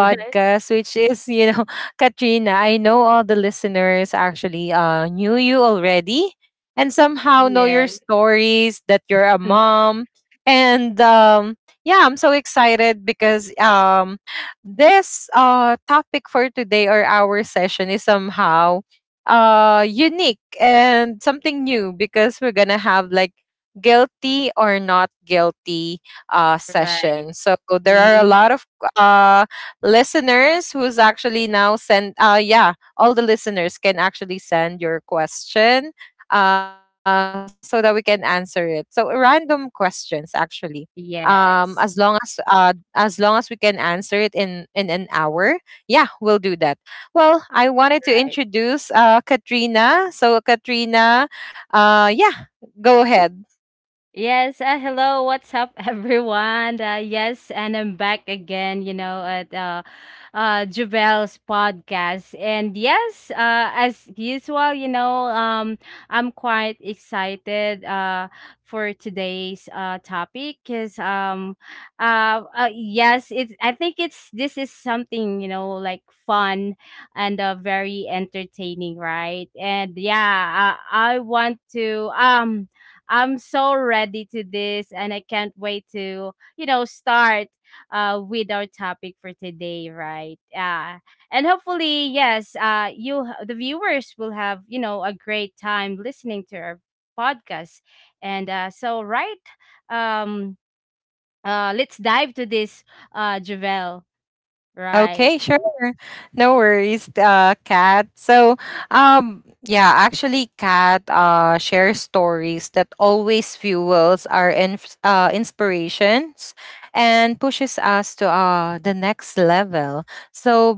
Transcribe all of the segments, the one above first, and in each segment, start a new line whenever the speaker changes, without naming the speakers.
Yes, yes. Right. hmm Yes. Right. Yes, hello, what's up, everyone? Yes, and I'm back again, you know, at Javel's podcast. And yes, as usual, you know, I'm quite excited for today's topic because, I think it's this is something, you know, like fun and very entertaining, right? And yeah, I want to. I'm so ready to this and I can't wait to, you know, start with our topic for today, right? Yeah. And hopefully, yes, you the viewers will have, you know, a great time listening to our podcast. And so right, um let's dive to this Javel, right?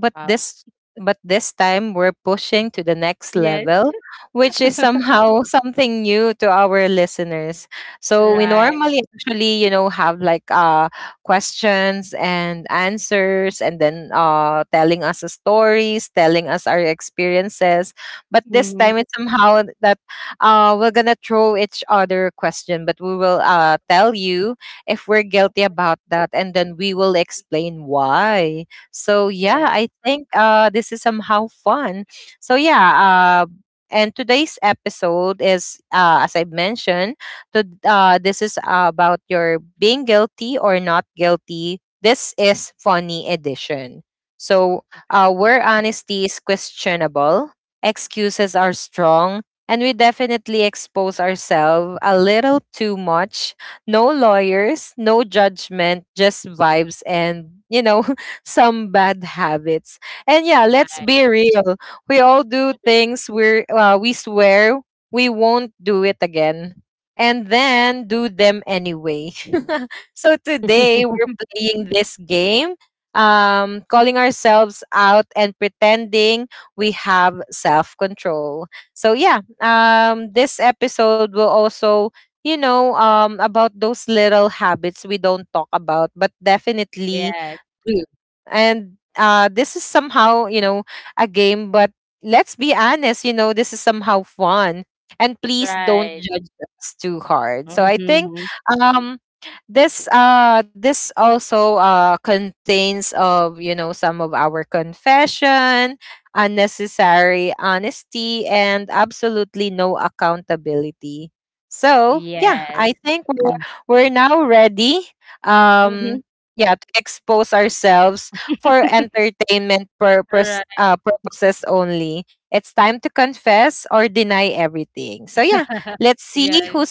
Wow. Yes. Right. Mm-hmm. Yeah, right. Yes, right. Mhm. Yes. Mm. Mhm. Right. Yes.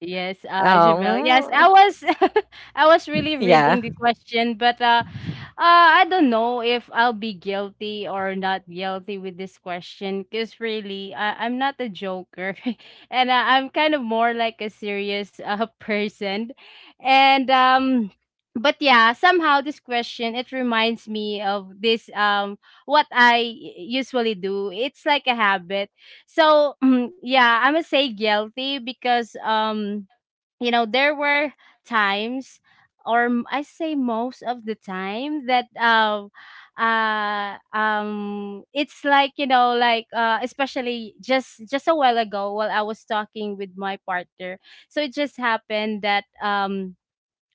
Yes, Javel. Yes, I was, I was really reading the question, but I don't know if I'll be guilty or not guilty with this question, because really, I'm not a joker, and I'm kind of more like a serious person, and but yeah, somehow this question it reminds me of this what I usually do. It's like a habit. So yeah, I'm gonna say guilty because you know there were times or I say most of the time that it's like you know like especially just a while ago while I was talking with my partner so it just happened that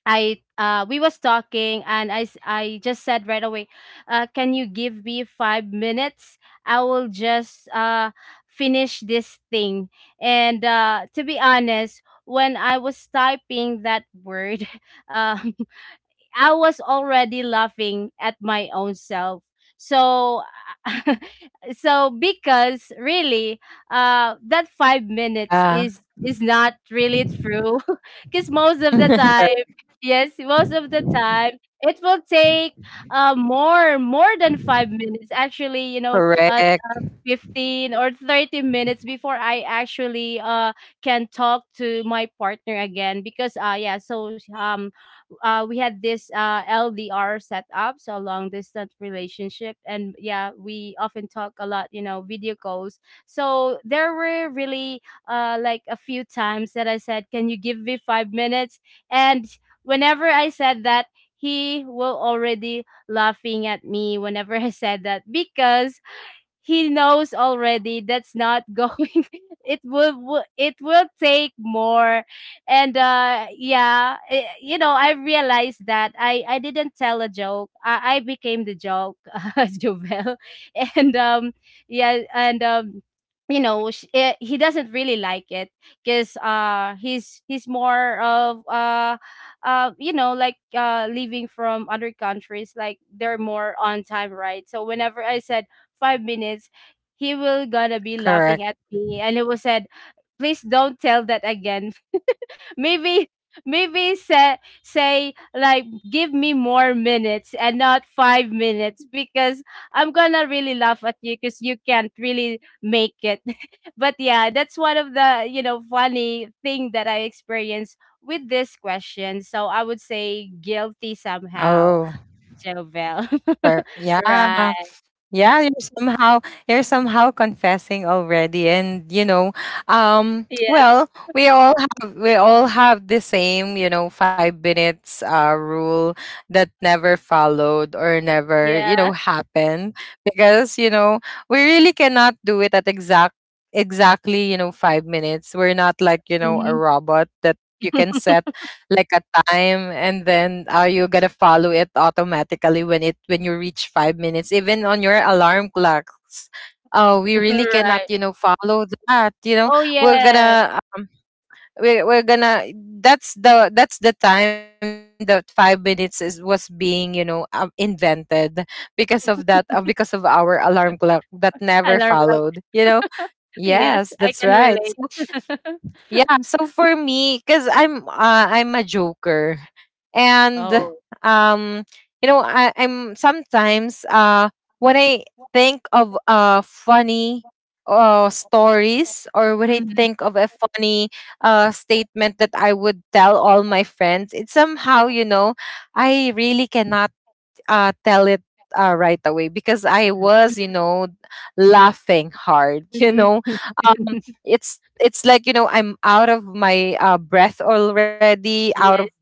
I we was talking and I just said right away, can you give me five minutes? I will just finish this thing. And to be honest, when I was typing that word, um I was already laughing at my own self. So, so because really, that 5 minutes is not really true, because most of the time, yes, most of the time it will take more than 5 minutes. Actually, you know, 15 or 30 minutes before I actually can talk to my partner again because yeah so we had this LDR set up, so long distance relationship, and yeah, we often talk a lot, you know, video calls. So there were really like a few times that I said, "Can you give me 5 minutes?" And whenever I said that, he will already laughing at me whenever I said that because he knows already that's not going it will take more and yeah you know I realized that I didn't tell a joke I became the joke Jovel. And yeah. And you know he doesn't really like it because he's more of you know like leaving from other countries like they're more on time, right? So whenever I said 5 minutes, he will gonna be laughing at me and he will said, please don't tell that again. Maybe maybe say like give me more minutes and not 5 minutes because I'm gonna really laugh at you because you can't really make it. But yeah, that's one of the you know funny thing that I experienced with this question. So I would say guilty somehow, Jovel. Right. Yes. Yeah. Mhm. Right. Oh, yes. Alarm clock. Yes, I can relate. Oh. Mhm. Mhm. Yes.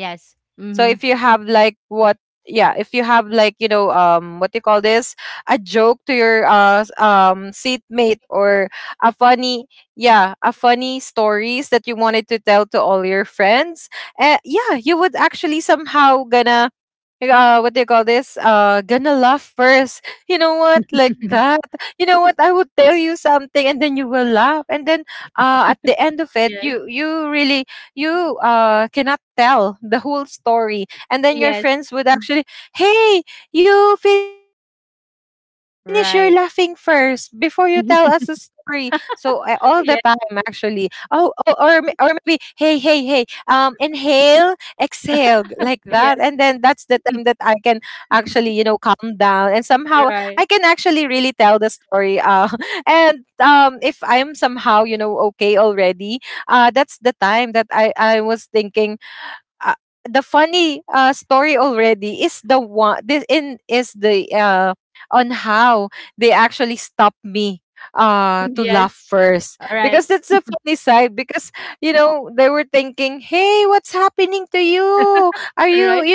Yes. Mhm. Yes. Yes. Mm. Right. Yes. Yes. Right. Yes. Right. Right.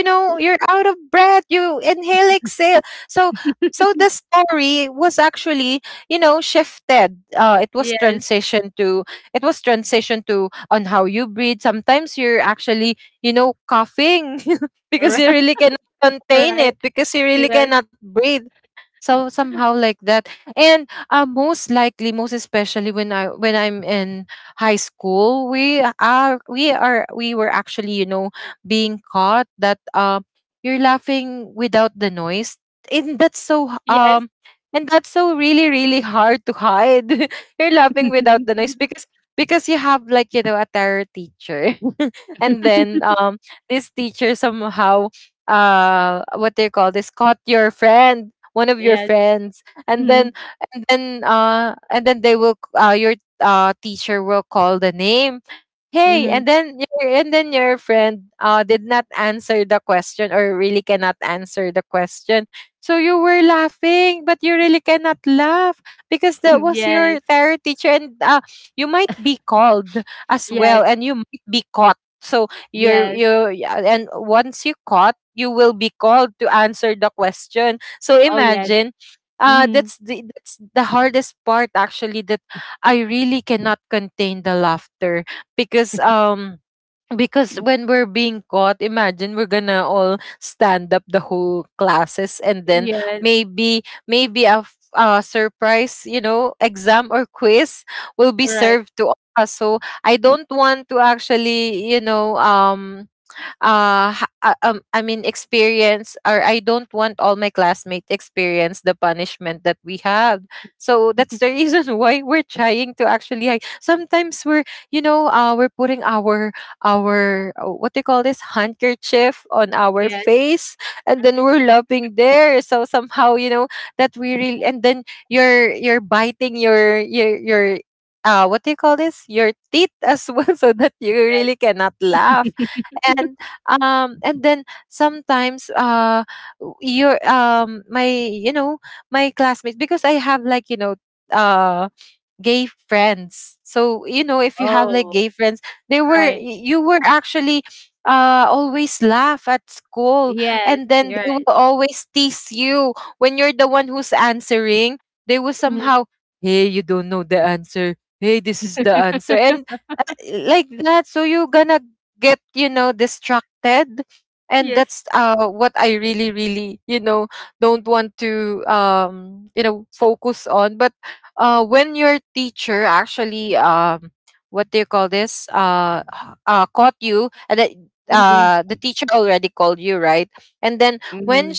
Yes. Right. Yes. Yes. Yes. Mhm. Mhm. Yes. Yes, yes. Oh, yes. Mhm. Yes, right. Yes. Mhm. Yes. Oh, right. Yes, you're right. Mhm. Yes. Mhm, mhm.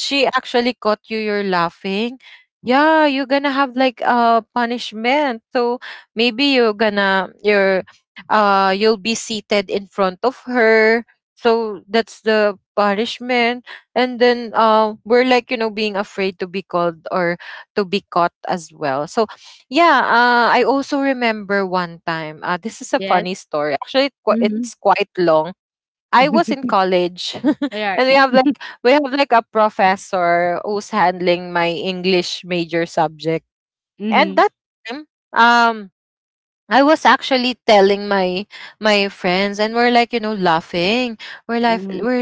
Yes. Mhm. Yeah. Mhm, mhm.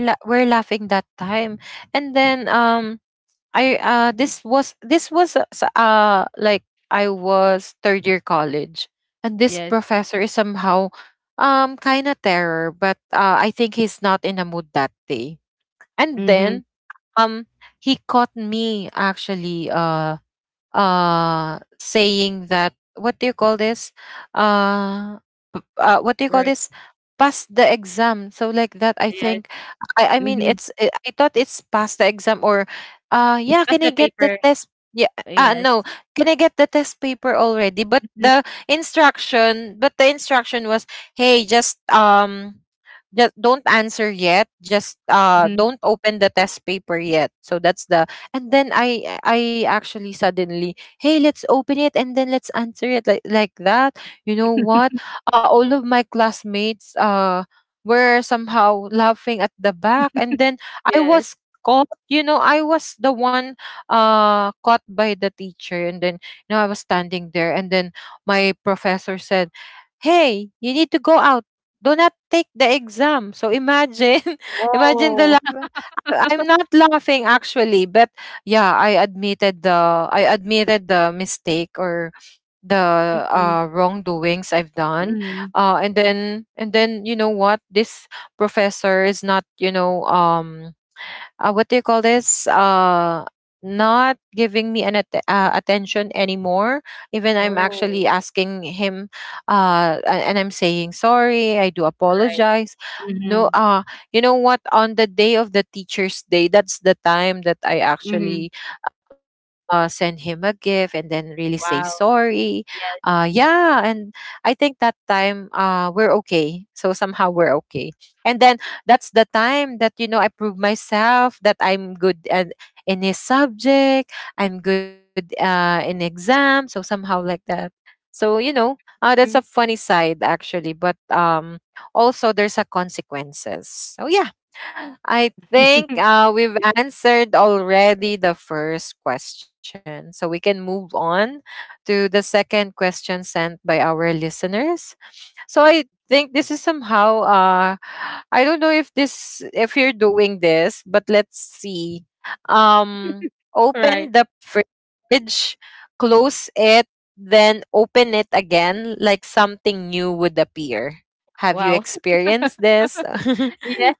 Yes. Mhm. Right. Yes. Mhm. Pass the papers. Yes. Mhm, mhm. Yes. Oh. Mhm, mhm. Oh, right. Mhm, mhm. Wow. Yes. Mm. Right. Wow. Yes.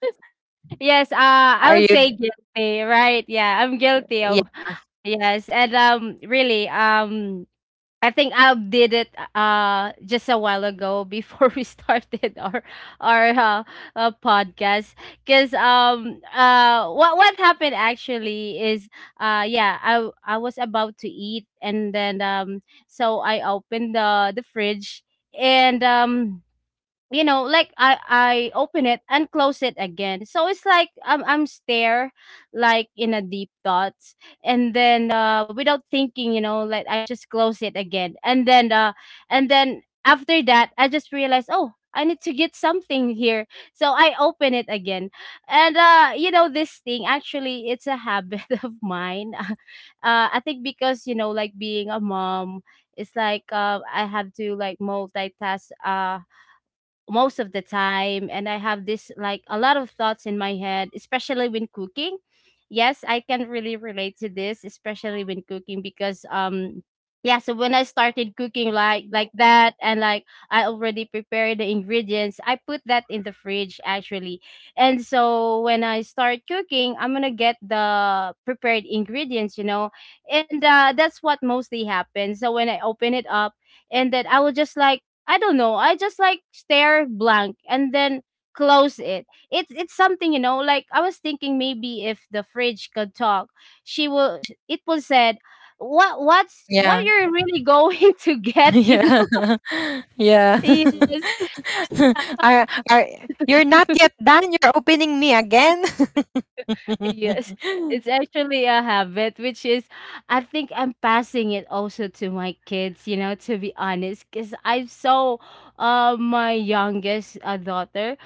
Yes. I would say guilty. Right. Yeah. I'm guilty of. Yes. And really, I think I did it just a while ago before we started our podcast. Cause what happened actually is yeah I was about to eat and then so I opened the fridge and you know like I open it and close it again so it's like I'm stare like in a deep thoughts. And then without thinking, you know, like I just close it again. And then after that I just realized, oh, I need to get something here, so I open it again. And you know this thing actually it's a habit of mine. I think because you know like being a mom it's like I have to like multitask most of the time and I have this like a lot of thoughts in my head, especially when cooking. Yes, I can really relate to this, especially when cooking, because yeah. So when I started cooking, like that, and like I already prepared the ingredients, I put that in the fridge actually. And so when I start cooking, I'm gonna get the prepared ingredients, you know. And that's what mostly happens, so when I open it up and then I will just like, I don't know. I just like stare blank and then close it. It's something, you know, like I was thinking maybe if the fridge could talk, it will said, What you're really going to get, you know?" Yes. Yes, it's actually a habit, which is, I think I'm passing it also to my kids, you know, to be honest, because I saw my youngest daughter.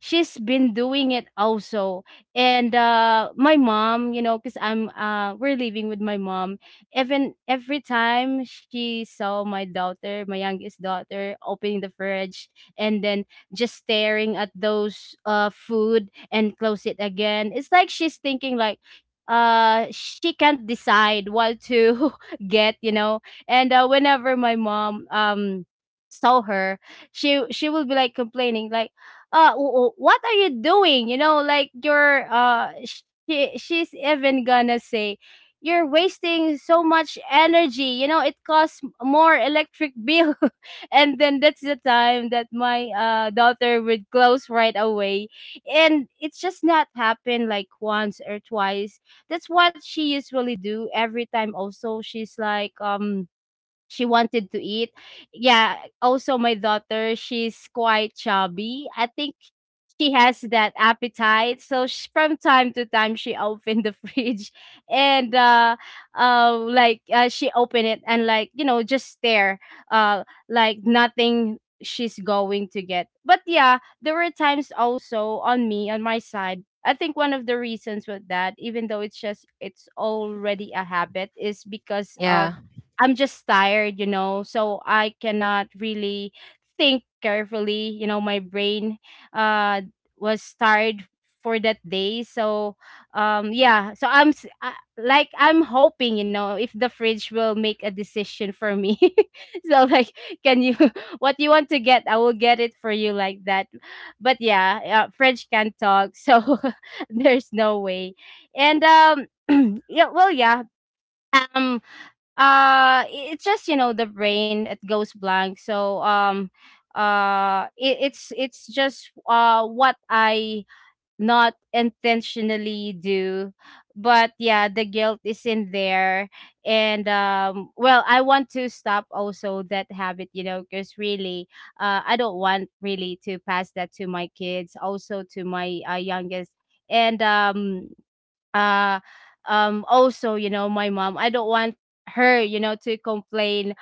She's been doing it also. And my mom, you know, because we're living with my mom. Even every time she saw my daughter, my youngest daughter, opening the fridge and then just staring at those food and close it again. It's like she's thinking like she can't decide what to get, you know. And whenever my mom saw her, she will be like complaining like what are you doing? You know, like you're she's even gonna say you're wasting so much energy, you know, it costs more electric bill. And then that's the time that my daughter would close right away. And it's just not happened like once or twice. That's what she usually do every time. Also she's like she wanted to eat. Yeah, also my daughter, she's quite chubby, I think. She has that appetite. So sh from time to time, she opened the fridge and like she opened it and like you know just stare, like nothing she's going to get. But yeah, there were times also on me on my side. I think one of the reasons with that, even though it's just it's already a habit, is because of I'm just tired, you know, so I cannot really think carefully, you know. My brain uh was tired for that day. So yeah, so like I'm hoping, you know, if the fridge will make a decision for me. So like, can you what you want to get, I will get it for you, like that. But yeah, fridge can't talk, so there's no way. And yeah, well yeah, um it's just, you know, the brain it goes blank. So it's just what I not intentionally do, but yeah, the guilt is in there. And well, I want to stop also that habit, you know, because really, I don't want really to pass that to my kids, also to my youngest. And uh also, you know, my mom, I don't want her, you know, to complain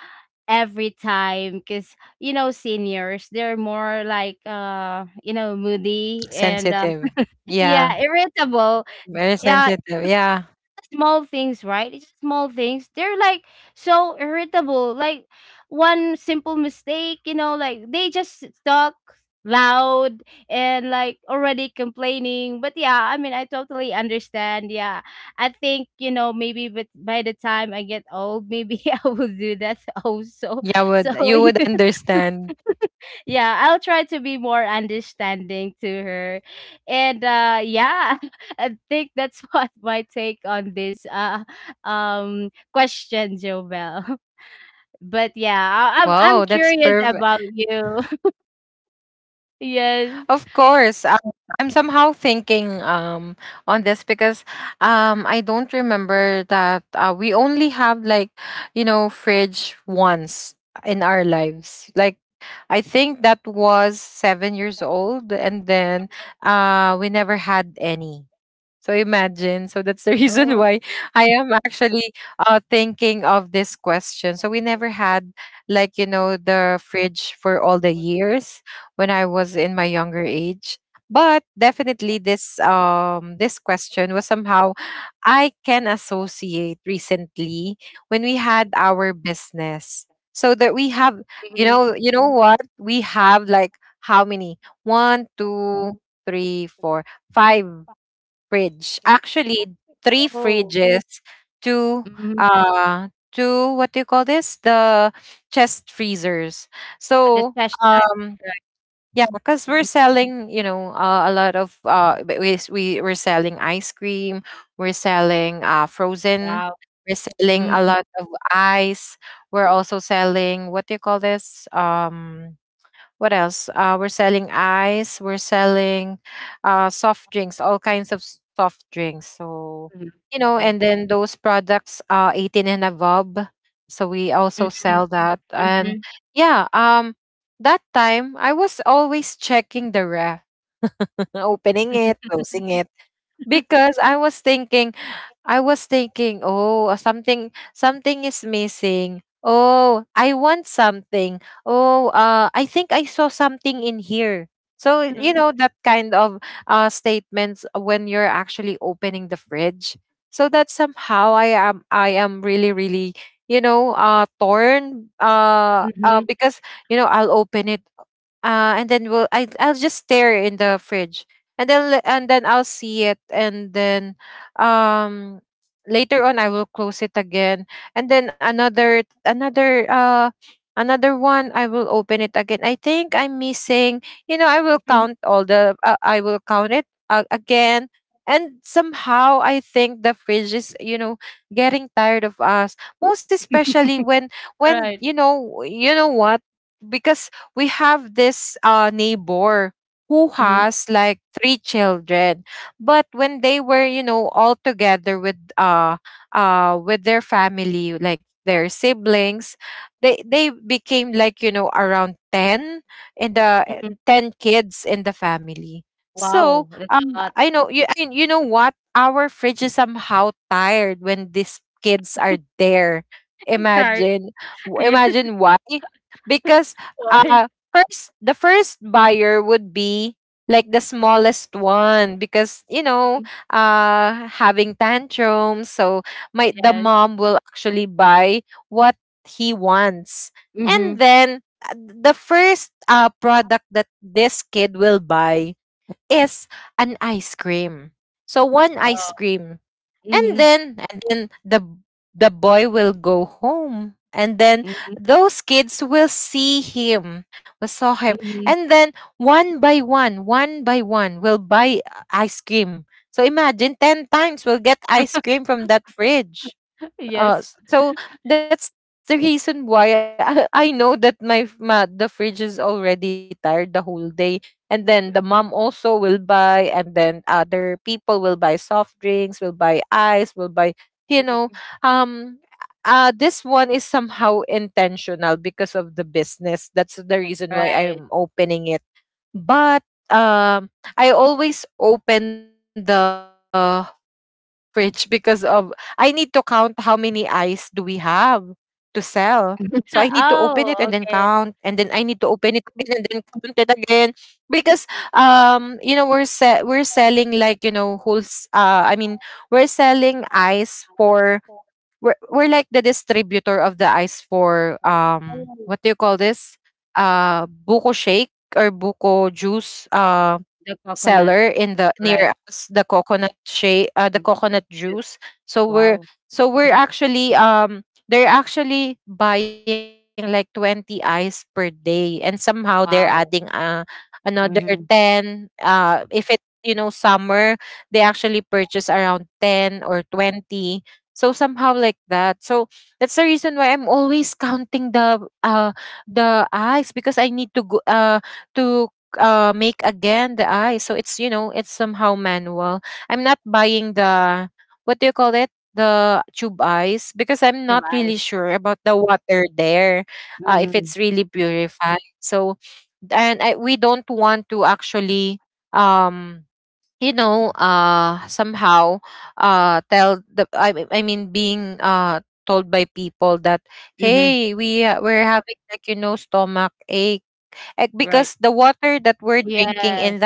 every time because, you know, seniors, they're more like you know moody, and yeah, irritable. Yeah, small things, right? It's just small things. They're like so irritable. Like one simple mistake, you know, like they just talk loud and like already complaining. But yeah, I mean, I totally understand. Yeah, I think you know maybe, but by the time I get old, maybe I will do that also. So yeah, I'll try to be more understanding to her. And yeah, I think that's what my take on this question, Jovel. But yeah, I'm curious about you. Yes. Oh. Mhm. Oh. Mm-hmm. The test type. Right. Mhm. Wow. Mm-hmm. Mhm. Wow. Mm-hmm. Mhm. Right. Mhm, mhm. Wow, that's a lot. I'm tired. Yes. Why? Mhm, yes. Mhm. Oh, mhm, mhm, mhm. Yes. Right. Oh, okay. The coconut, right. Mm. Juice. Wow. Mhm. Wow. Mhm. Through ice. Mhm, mhm. Right. Yes.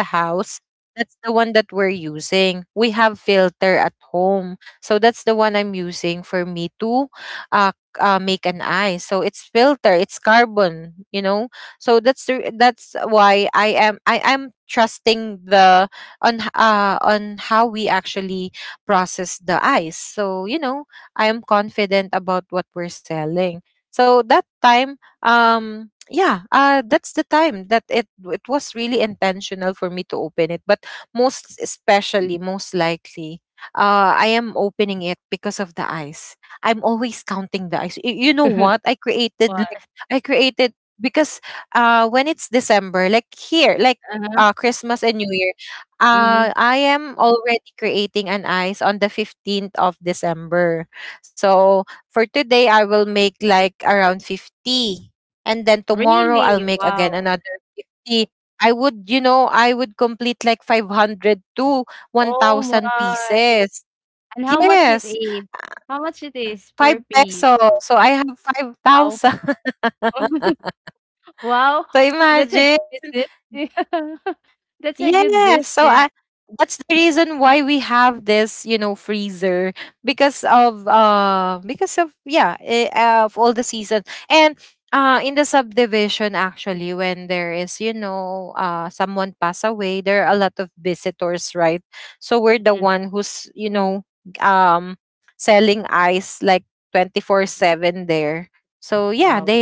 What? Uh-huh. Mhm. Really? Wow. Oh my. And how much it is? How much it is per piece? Wow. Wow. That's a good business. Yeah. That's a good business. Mm, Wow.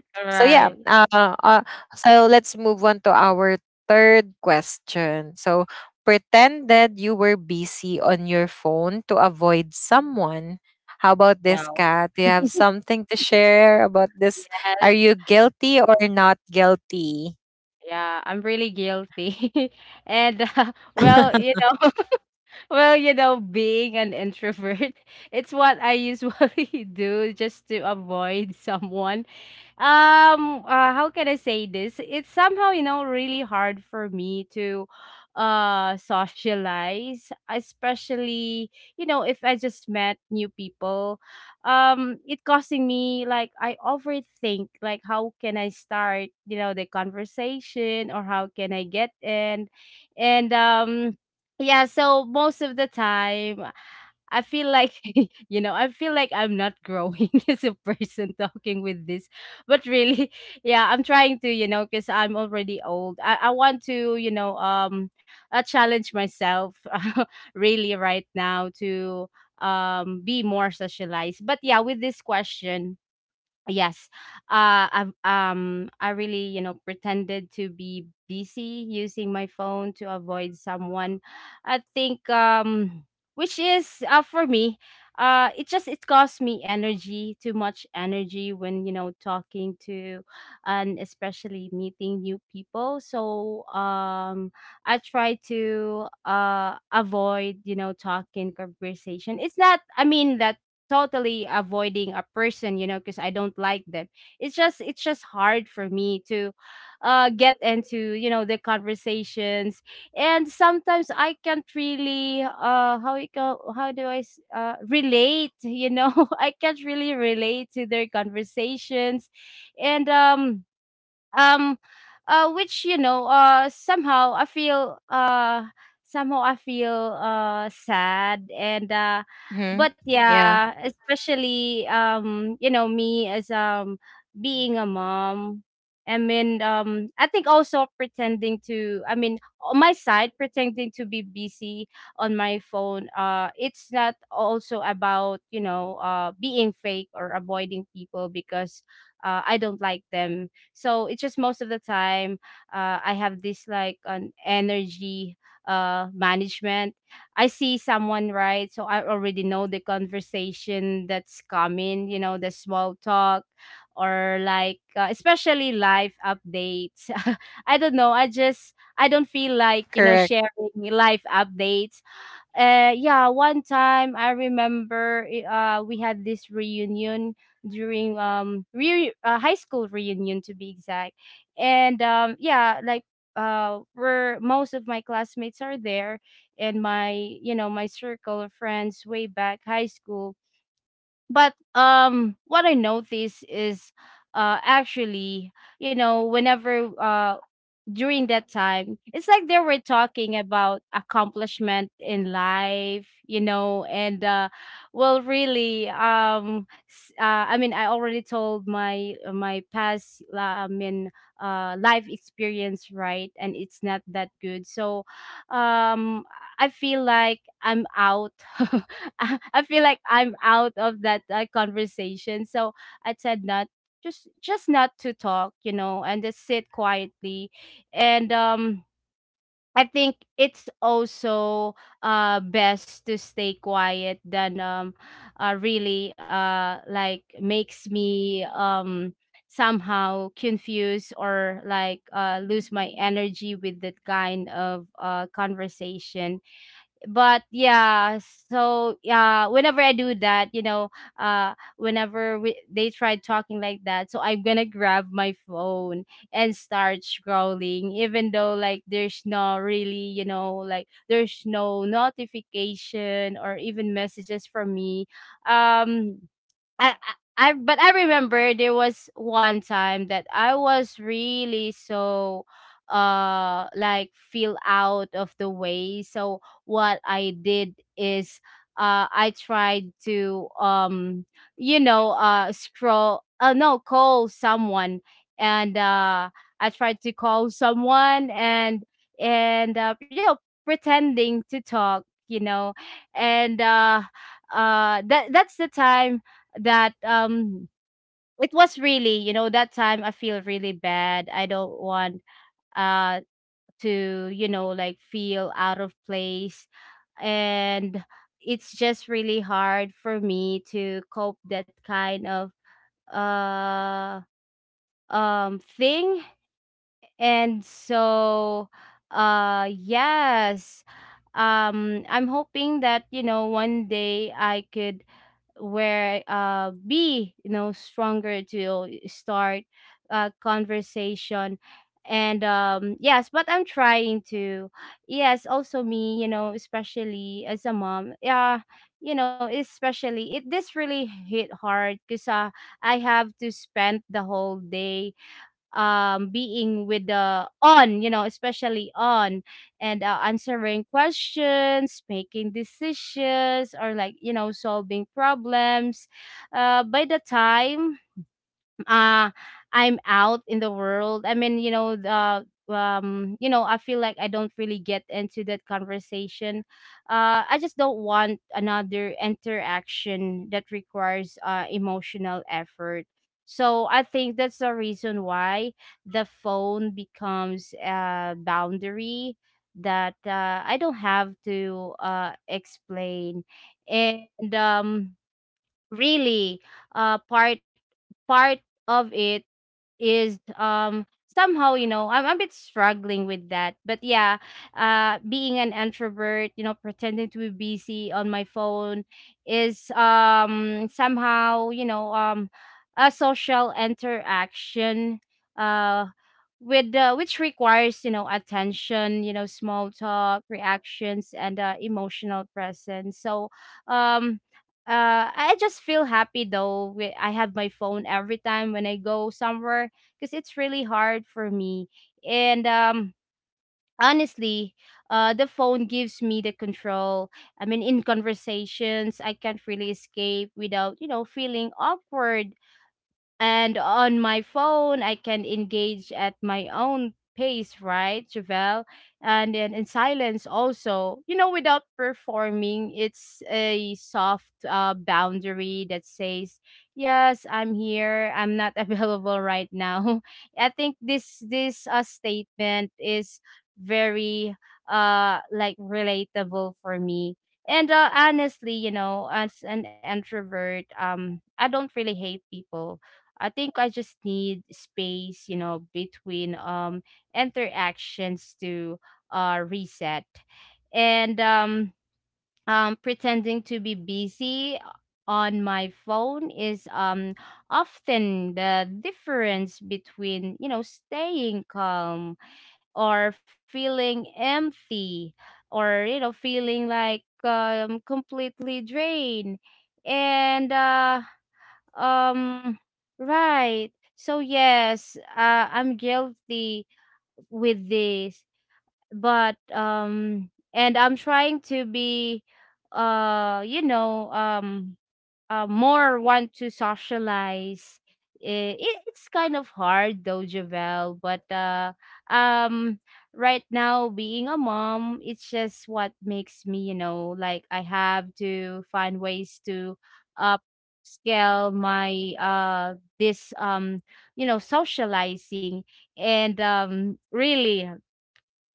All right. Wow. Yes. Yeah, I'm really guilty. And well, well, being an introvert, it's what I usually do just to avoid someone. How can I say this? It's somehow, really hard for me to socialize, especially if I just met new people. It costing me, like, I overthink, like, how can I start, the conversation, or how can I get in? And yeah, so most of the time I feel like, I feel like I'm not growing as a person talking with this. But really, yeah, I'm trying to, because I'm already old. I want to, challenge myself really right now to be more socialized. But yeah, with this question, yes. I really, pretended to be busy using my phone to avoid someone. I think, which is, for me, it costs me energy, too much energy when, talking to, and especially meeting new people. So I try to avoid, talking conversation. It's not, I mean, that totally avoiding a person, because I don't like them. It's just hard for me to get into, the conversations. And sometimes I can't really, how it go how do I s- relate, I can't really relate to their conversations. And um which, somehow I feel sad, and but yeah, especially, me, as being a mom. I mean, I think also pretending to, I mean, on my side, pretending to be busy on my phone, it's not also about, being fake or avoiding people because, I don't like them. So it's just most of the time, I have this, like, an energy management. I see someone, right? So I already know the conversation that's coming. You know, the small talk, or like, especially life updates. I don't know. I don't feel like, sharing life updates. Yeah, one time I remember, we had this reunion during, high school reunion, to be exact. And yeah, like, where most of my classmates are there, and my, my circle of friends way back high school. But what I noticed is, actually, whenever, during that time, it's like they were talking about accomplishment in life, and well, really, I mean, I already told my past, life experience, right? And it's not that good, so um I feel like I'm out. I feel like I'm out of that, conversation. So I said, not, just not to talk, and just sit quietly. And I think it's also best to stay quiet than, really, like, makes me somehow confused, or like, lose my energy with that kind of, conversation. But yeah. So yeah, whenever I do that, whenever they try talking like that, so I'm gonna grab my phone and start scrolling, even though, like, there's no really like, there's no notification or even messages from me. um but I remember there was one time that I was really so, like, feel out of the way. So what I did is, I tried to, scroll, no, call someone. And I tried to call someone, and pretending to talk, you know and that's the time that, it was really, that time I feel really bad. I don't want, uh to, like, feel out of place, and it's just really hard for me to cope that kind of, uh thing. And so, yes, I'm hoping that, one day I could, where be, stronger to, start a conversation. And yes, but I'm trying to. Yes, also me, especially as a mom, yeah. Especially, it this really hit hard because, I have to spend the whole day being with the, on, especially on, and, answering questions, making decisions, or like, solving problems. By the time, uh I'm out in the world. I mean, you know, the you know, I feel like I don't really get into that conversation. I just don't want another interaction that requires, emotional effort. So I think that's the reason why the phone becomes a boundary that, I don't have to, explain. And, um, really, uh part part of it is, somehow, I'm a bit struggling with that, but yeah, being an introvert, pretending to be busy on my phone is, somehow, a social interaction, uh with, which requires, attention, small talk reactions, and, emotional presence. So um I just feel happy though. I have my phone every time when I go somewhere because it's really hard for me. And, honestly, the phone gives me the control. I mean, in conversations I can't really escape without, you know, feeling awkward, and on my phone, I can engage at my own pace, right, Javel? And then in silence also, you know, without performing, it's a soft, boundary that says, yes, I'm here. I'm not available right now. I think, this statement is very, like, relatable for me. And, honestly, you know, as an introvert, I don't really hate people. I think I just need space, you know, between, interactions, to reset. And, pretending to be busy on my phone is, often the difference between, you know, staying calm, or feeling empty, or, you know, feeling like, completely drained. And, um, right. So yes, I'm guilty with this, but, and I'm trying to be, you know, more want to socialize. It's kind of hard though, Javel, but, um, right now, being a mom, it's just what makes me, you know, like, I have to find ways to upscale my, this, socializing, and, really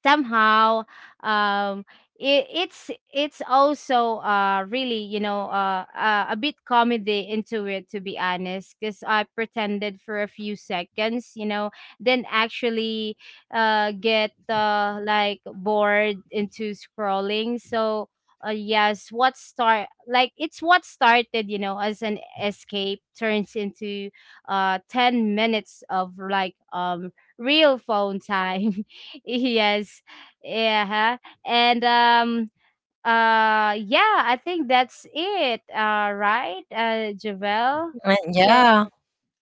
somehow, um it's also, really, a bit comedy into it, to be honest, because I pretended for a few seconds, then actually, get, like, bored into scrolling. So, yes, what start like it's what started, as an escape, turns into 10 minutes of, like, real phone time. Yes. Yeah. And, yeah, I think that's it. Right? Javel?
Uh,
So,
Yeah.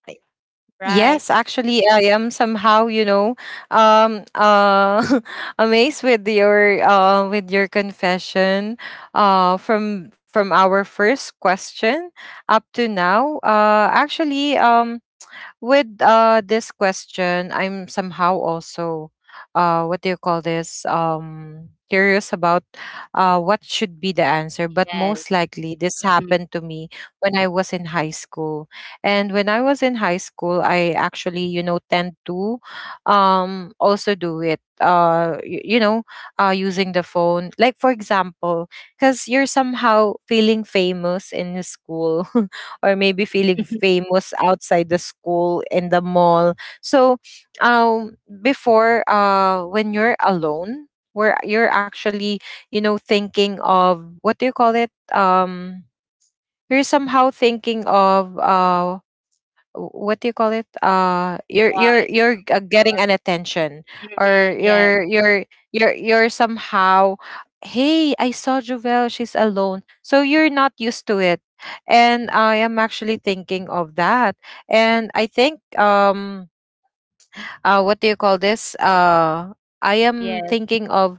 I-
right.
Yes, actually, I am somehow, you know, um, uh, amazed with your confession, from our first question up to now. Actually, with this question, I'm somehow also what do you call this? Curious about what should be the answer. But
Yes.
most likely this
Mhm.
happened to me when I was in high school. And when I was in high school, I actually, you know, tend to also do it. Using the phone. Like for example, because you're somehow feeling famous in the school. Or maybe feeling famous outside the school in the mall, so um before when you're alone, where you're actually, you know, thinking of what do you call it, you're somehow thinking of what do you call it, uh you're
What
you're you're uh,
your
getting an attention,
mhm,
or
yes,
you're somehow, hey, I saw Jovel, she's alone, so you're not used to it. And I am actually thinking of that. And I think what do you call this, I am
yes,
thinking of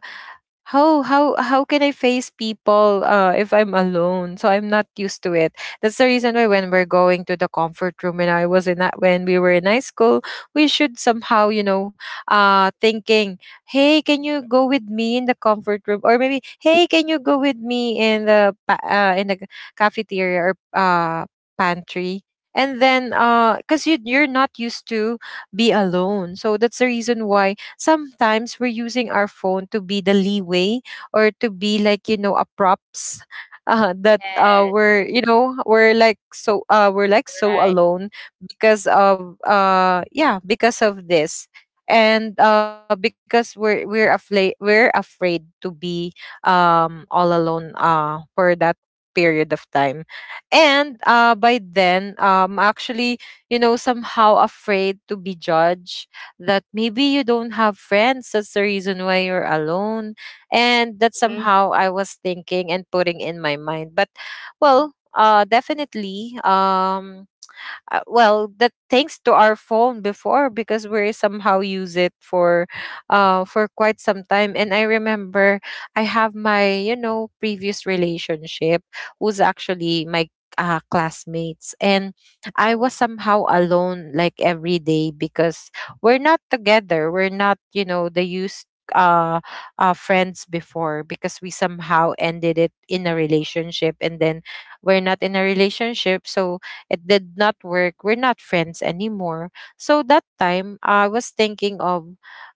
how can I face people if I'm alone? So I'm not used to it. That's the reason why when we're going to the comfort room, and I was in that when we were in high school, we should somehow, you know, thinking, hey, can you go with me in the comfort room? Or maybe hey, can you go with me in the in the cafeteria or pantry? And then, cause you're not used to be alone, so that's the reason why sometimes we're using our phone to be the leeway or to be like, you know, a props that
yes,
we're, you know, we're like so
right.
alone because of yeah, because of this. And because we're afraid to be all alone for that period of time. And by then, actually, you know, somehow afraid to be judged that maybe you don't have friends. That's the reason why you're alone. And that
Mhm.
somehow I was thinking and putting in my mind. But well, definitely. Well, that thanks to our phone before, because we somehow use it for quite some time. And I remember I have my, you know, previous relationship was actually my classmates, and I
Oh.
was somehow alone like every day, because we're not together, we're not, you know, the used uh, friends before, because we somehow ended it in a relationship, and then we're not in a relationship, so it did not work. We're not friends anymore. So that time I was thinking of,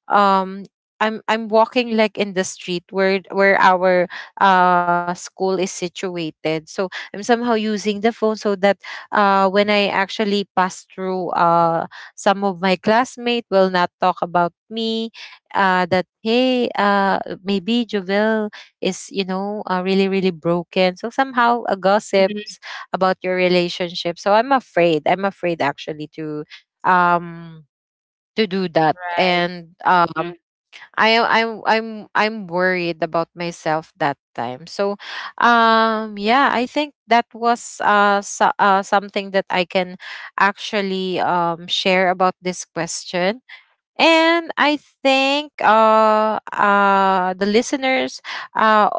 um I'm walking like in the street, where our school is situated. So I'm somehow using the phone so that when I actually pass through some of my classmates will not talk about me, that hey, maybe Jovel is, you know, really really broken. So somehow a
Mhm.
gossips about your relationship. So I'm afraid. I'm afraid actually um to do that.
Right.
And
Mhm.
I I'm worried about myself that time. So yeah, I think that was something that I can actually share about this question. And I think the listeners uh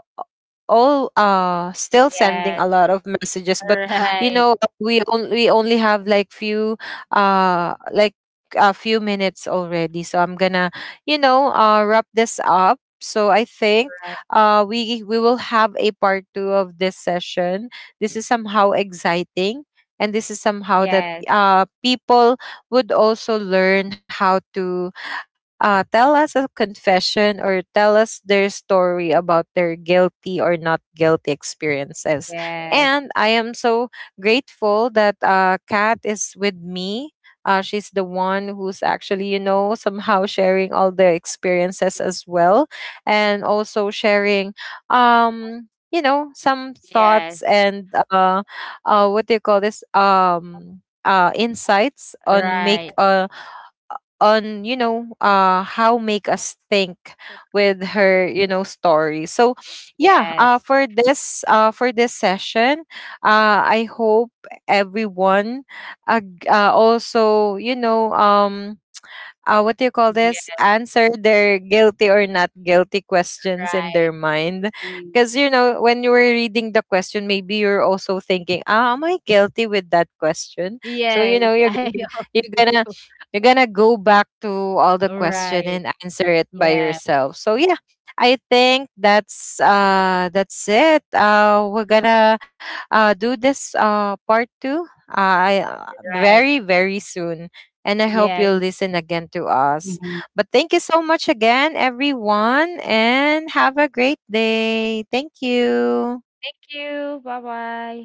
all still sending
Yes.
a lot of messages. But you
Right.
know, we only have like few like a few minutes already, so I'm gonna, you know, wrap this up. So I think
Right.
we we will have a part two of this session. This is somehow exciting, and this is somehow that
Yes.
people would also learn how to tell us a confession or tell us their story about their guilty or not guilty experiences.
Yes.
And I am so grateful that Kat is with me. She's the one who's actually, you know, somehow sharing all the experiences as well, and also sharing, you know, some
Yes.
thoughts and what do you call this? Insights on
Right.
make on, you know, how make us think with her, you know, story. So yeah,
Yes.
for this session, I hope everyone also, you know, what do you call this,
Yeah.
answer their guilty or not guilty questions in their
Right.
mind.
Mm.
Because you know, when you were reading the question, maybe you're also thinking, ah, am I guilty with that question? So you
Yes,
know,
I also
you're gonna
do.
you're gonna go back to all the question
Right.
and answer it by
Yeah,
yourself. So yeah, I think that's it. We're gonna do this part two,
right.
very very soon. And I hope
Yes.
you'll listen again to us.
Mhm.
But thank you so much again, everyone, and have a great day. Thank you.
Thank you. Bye-bye.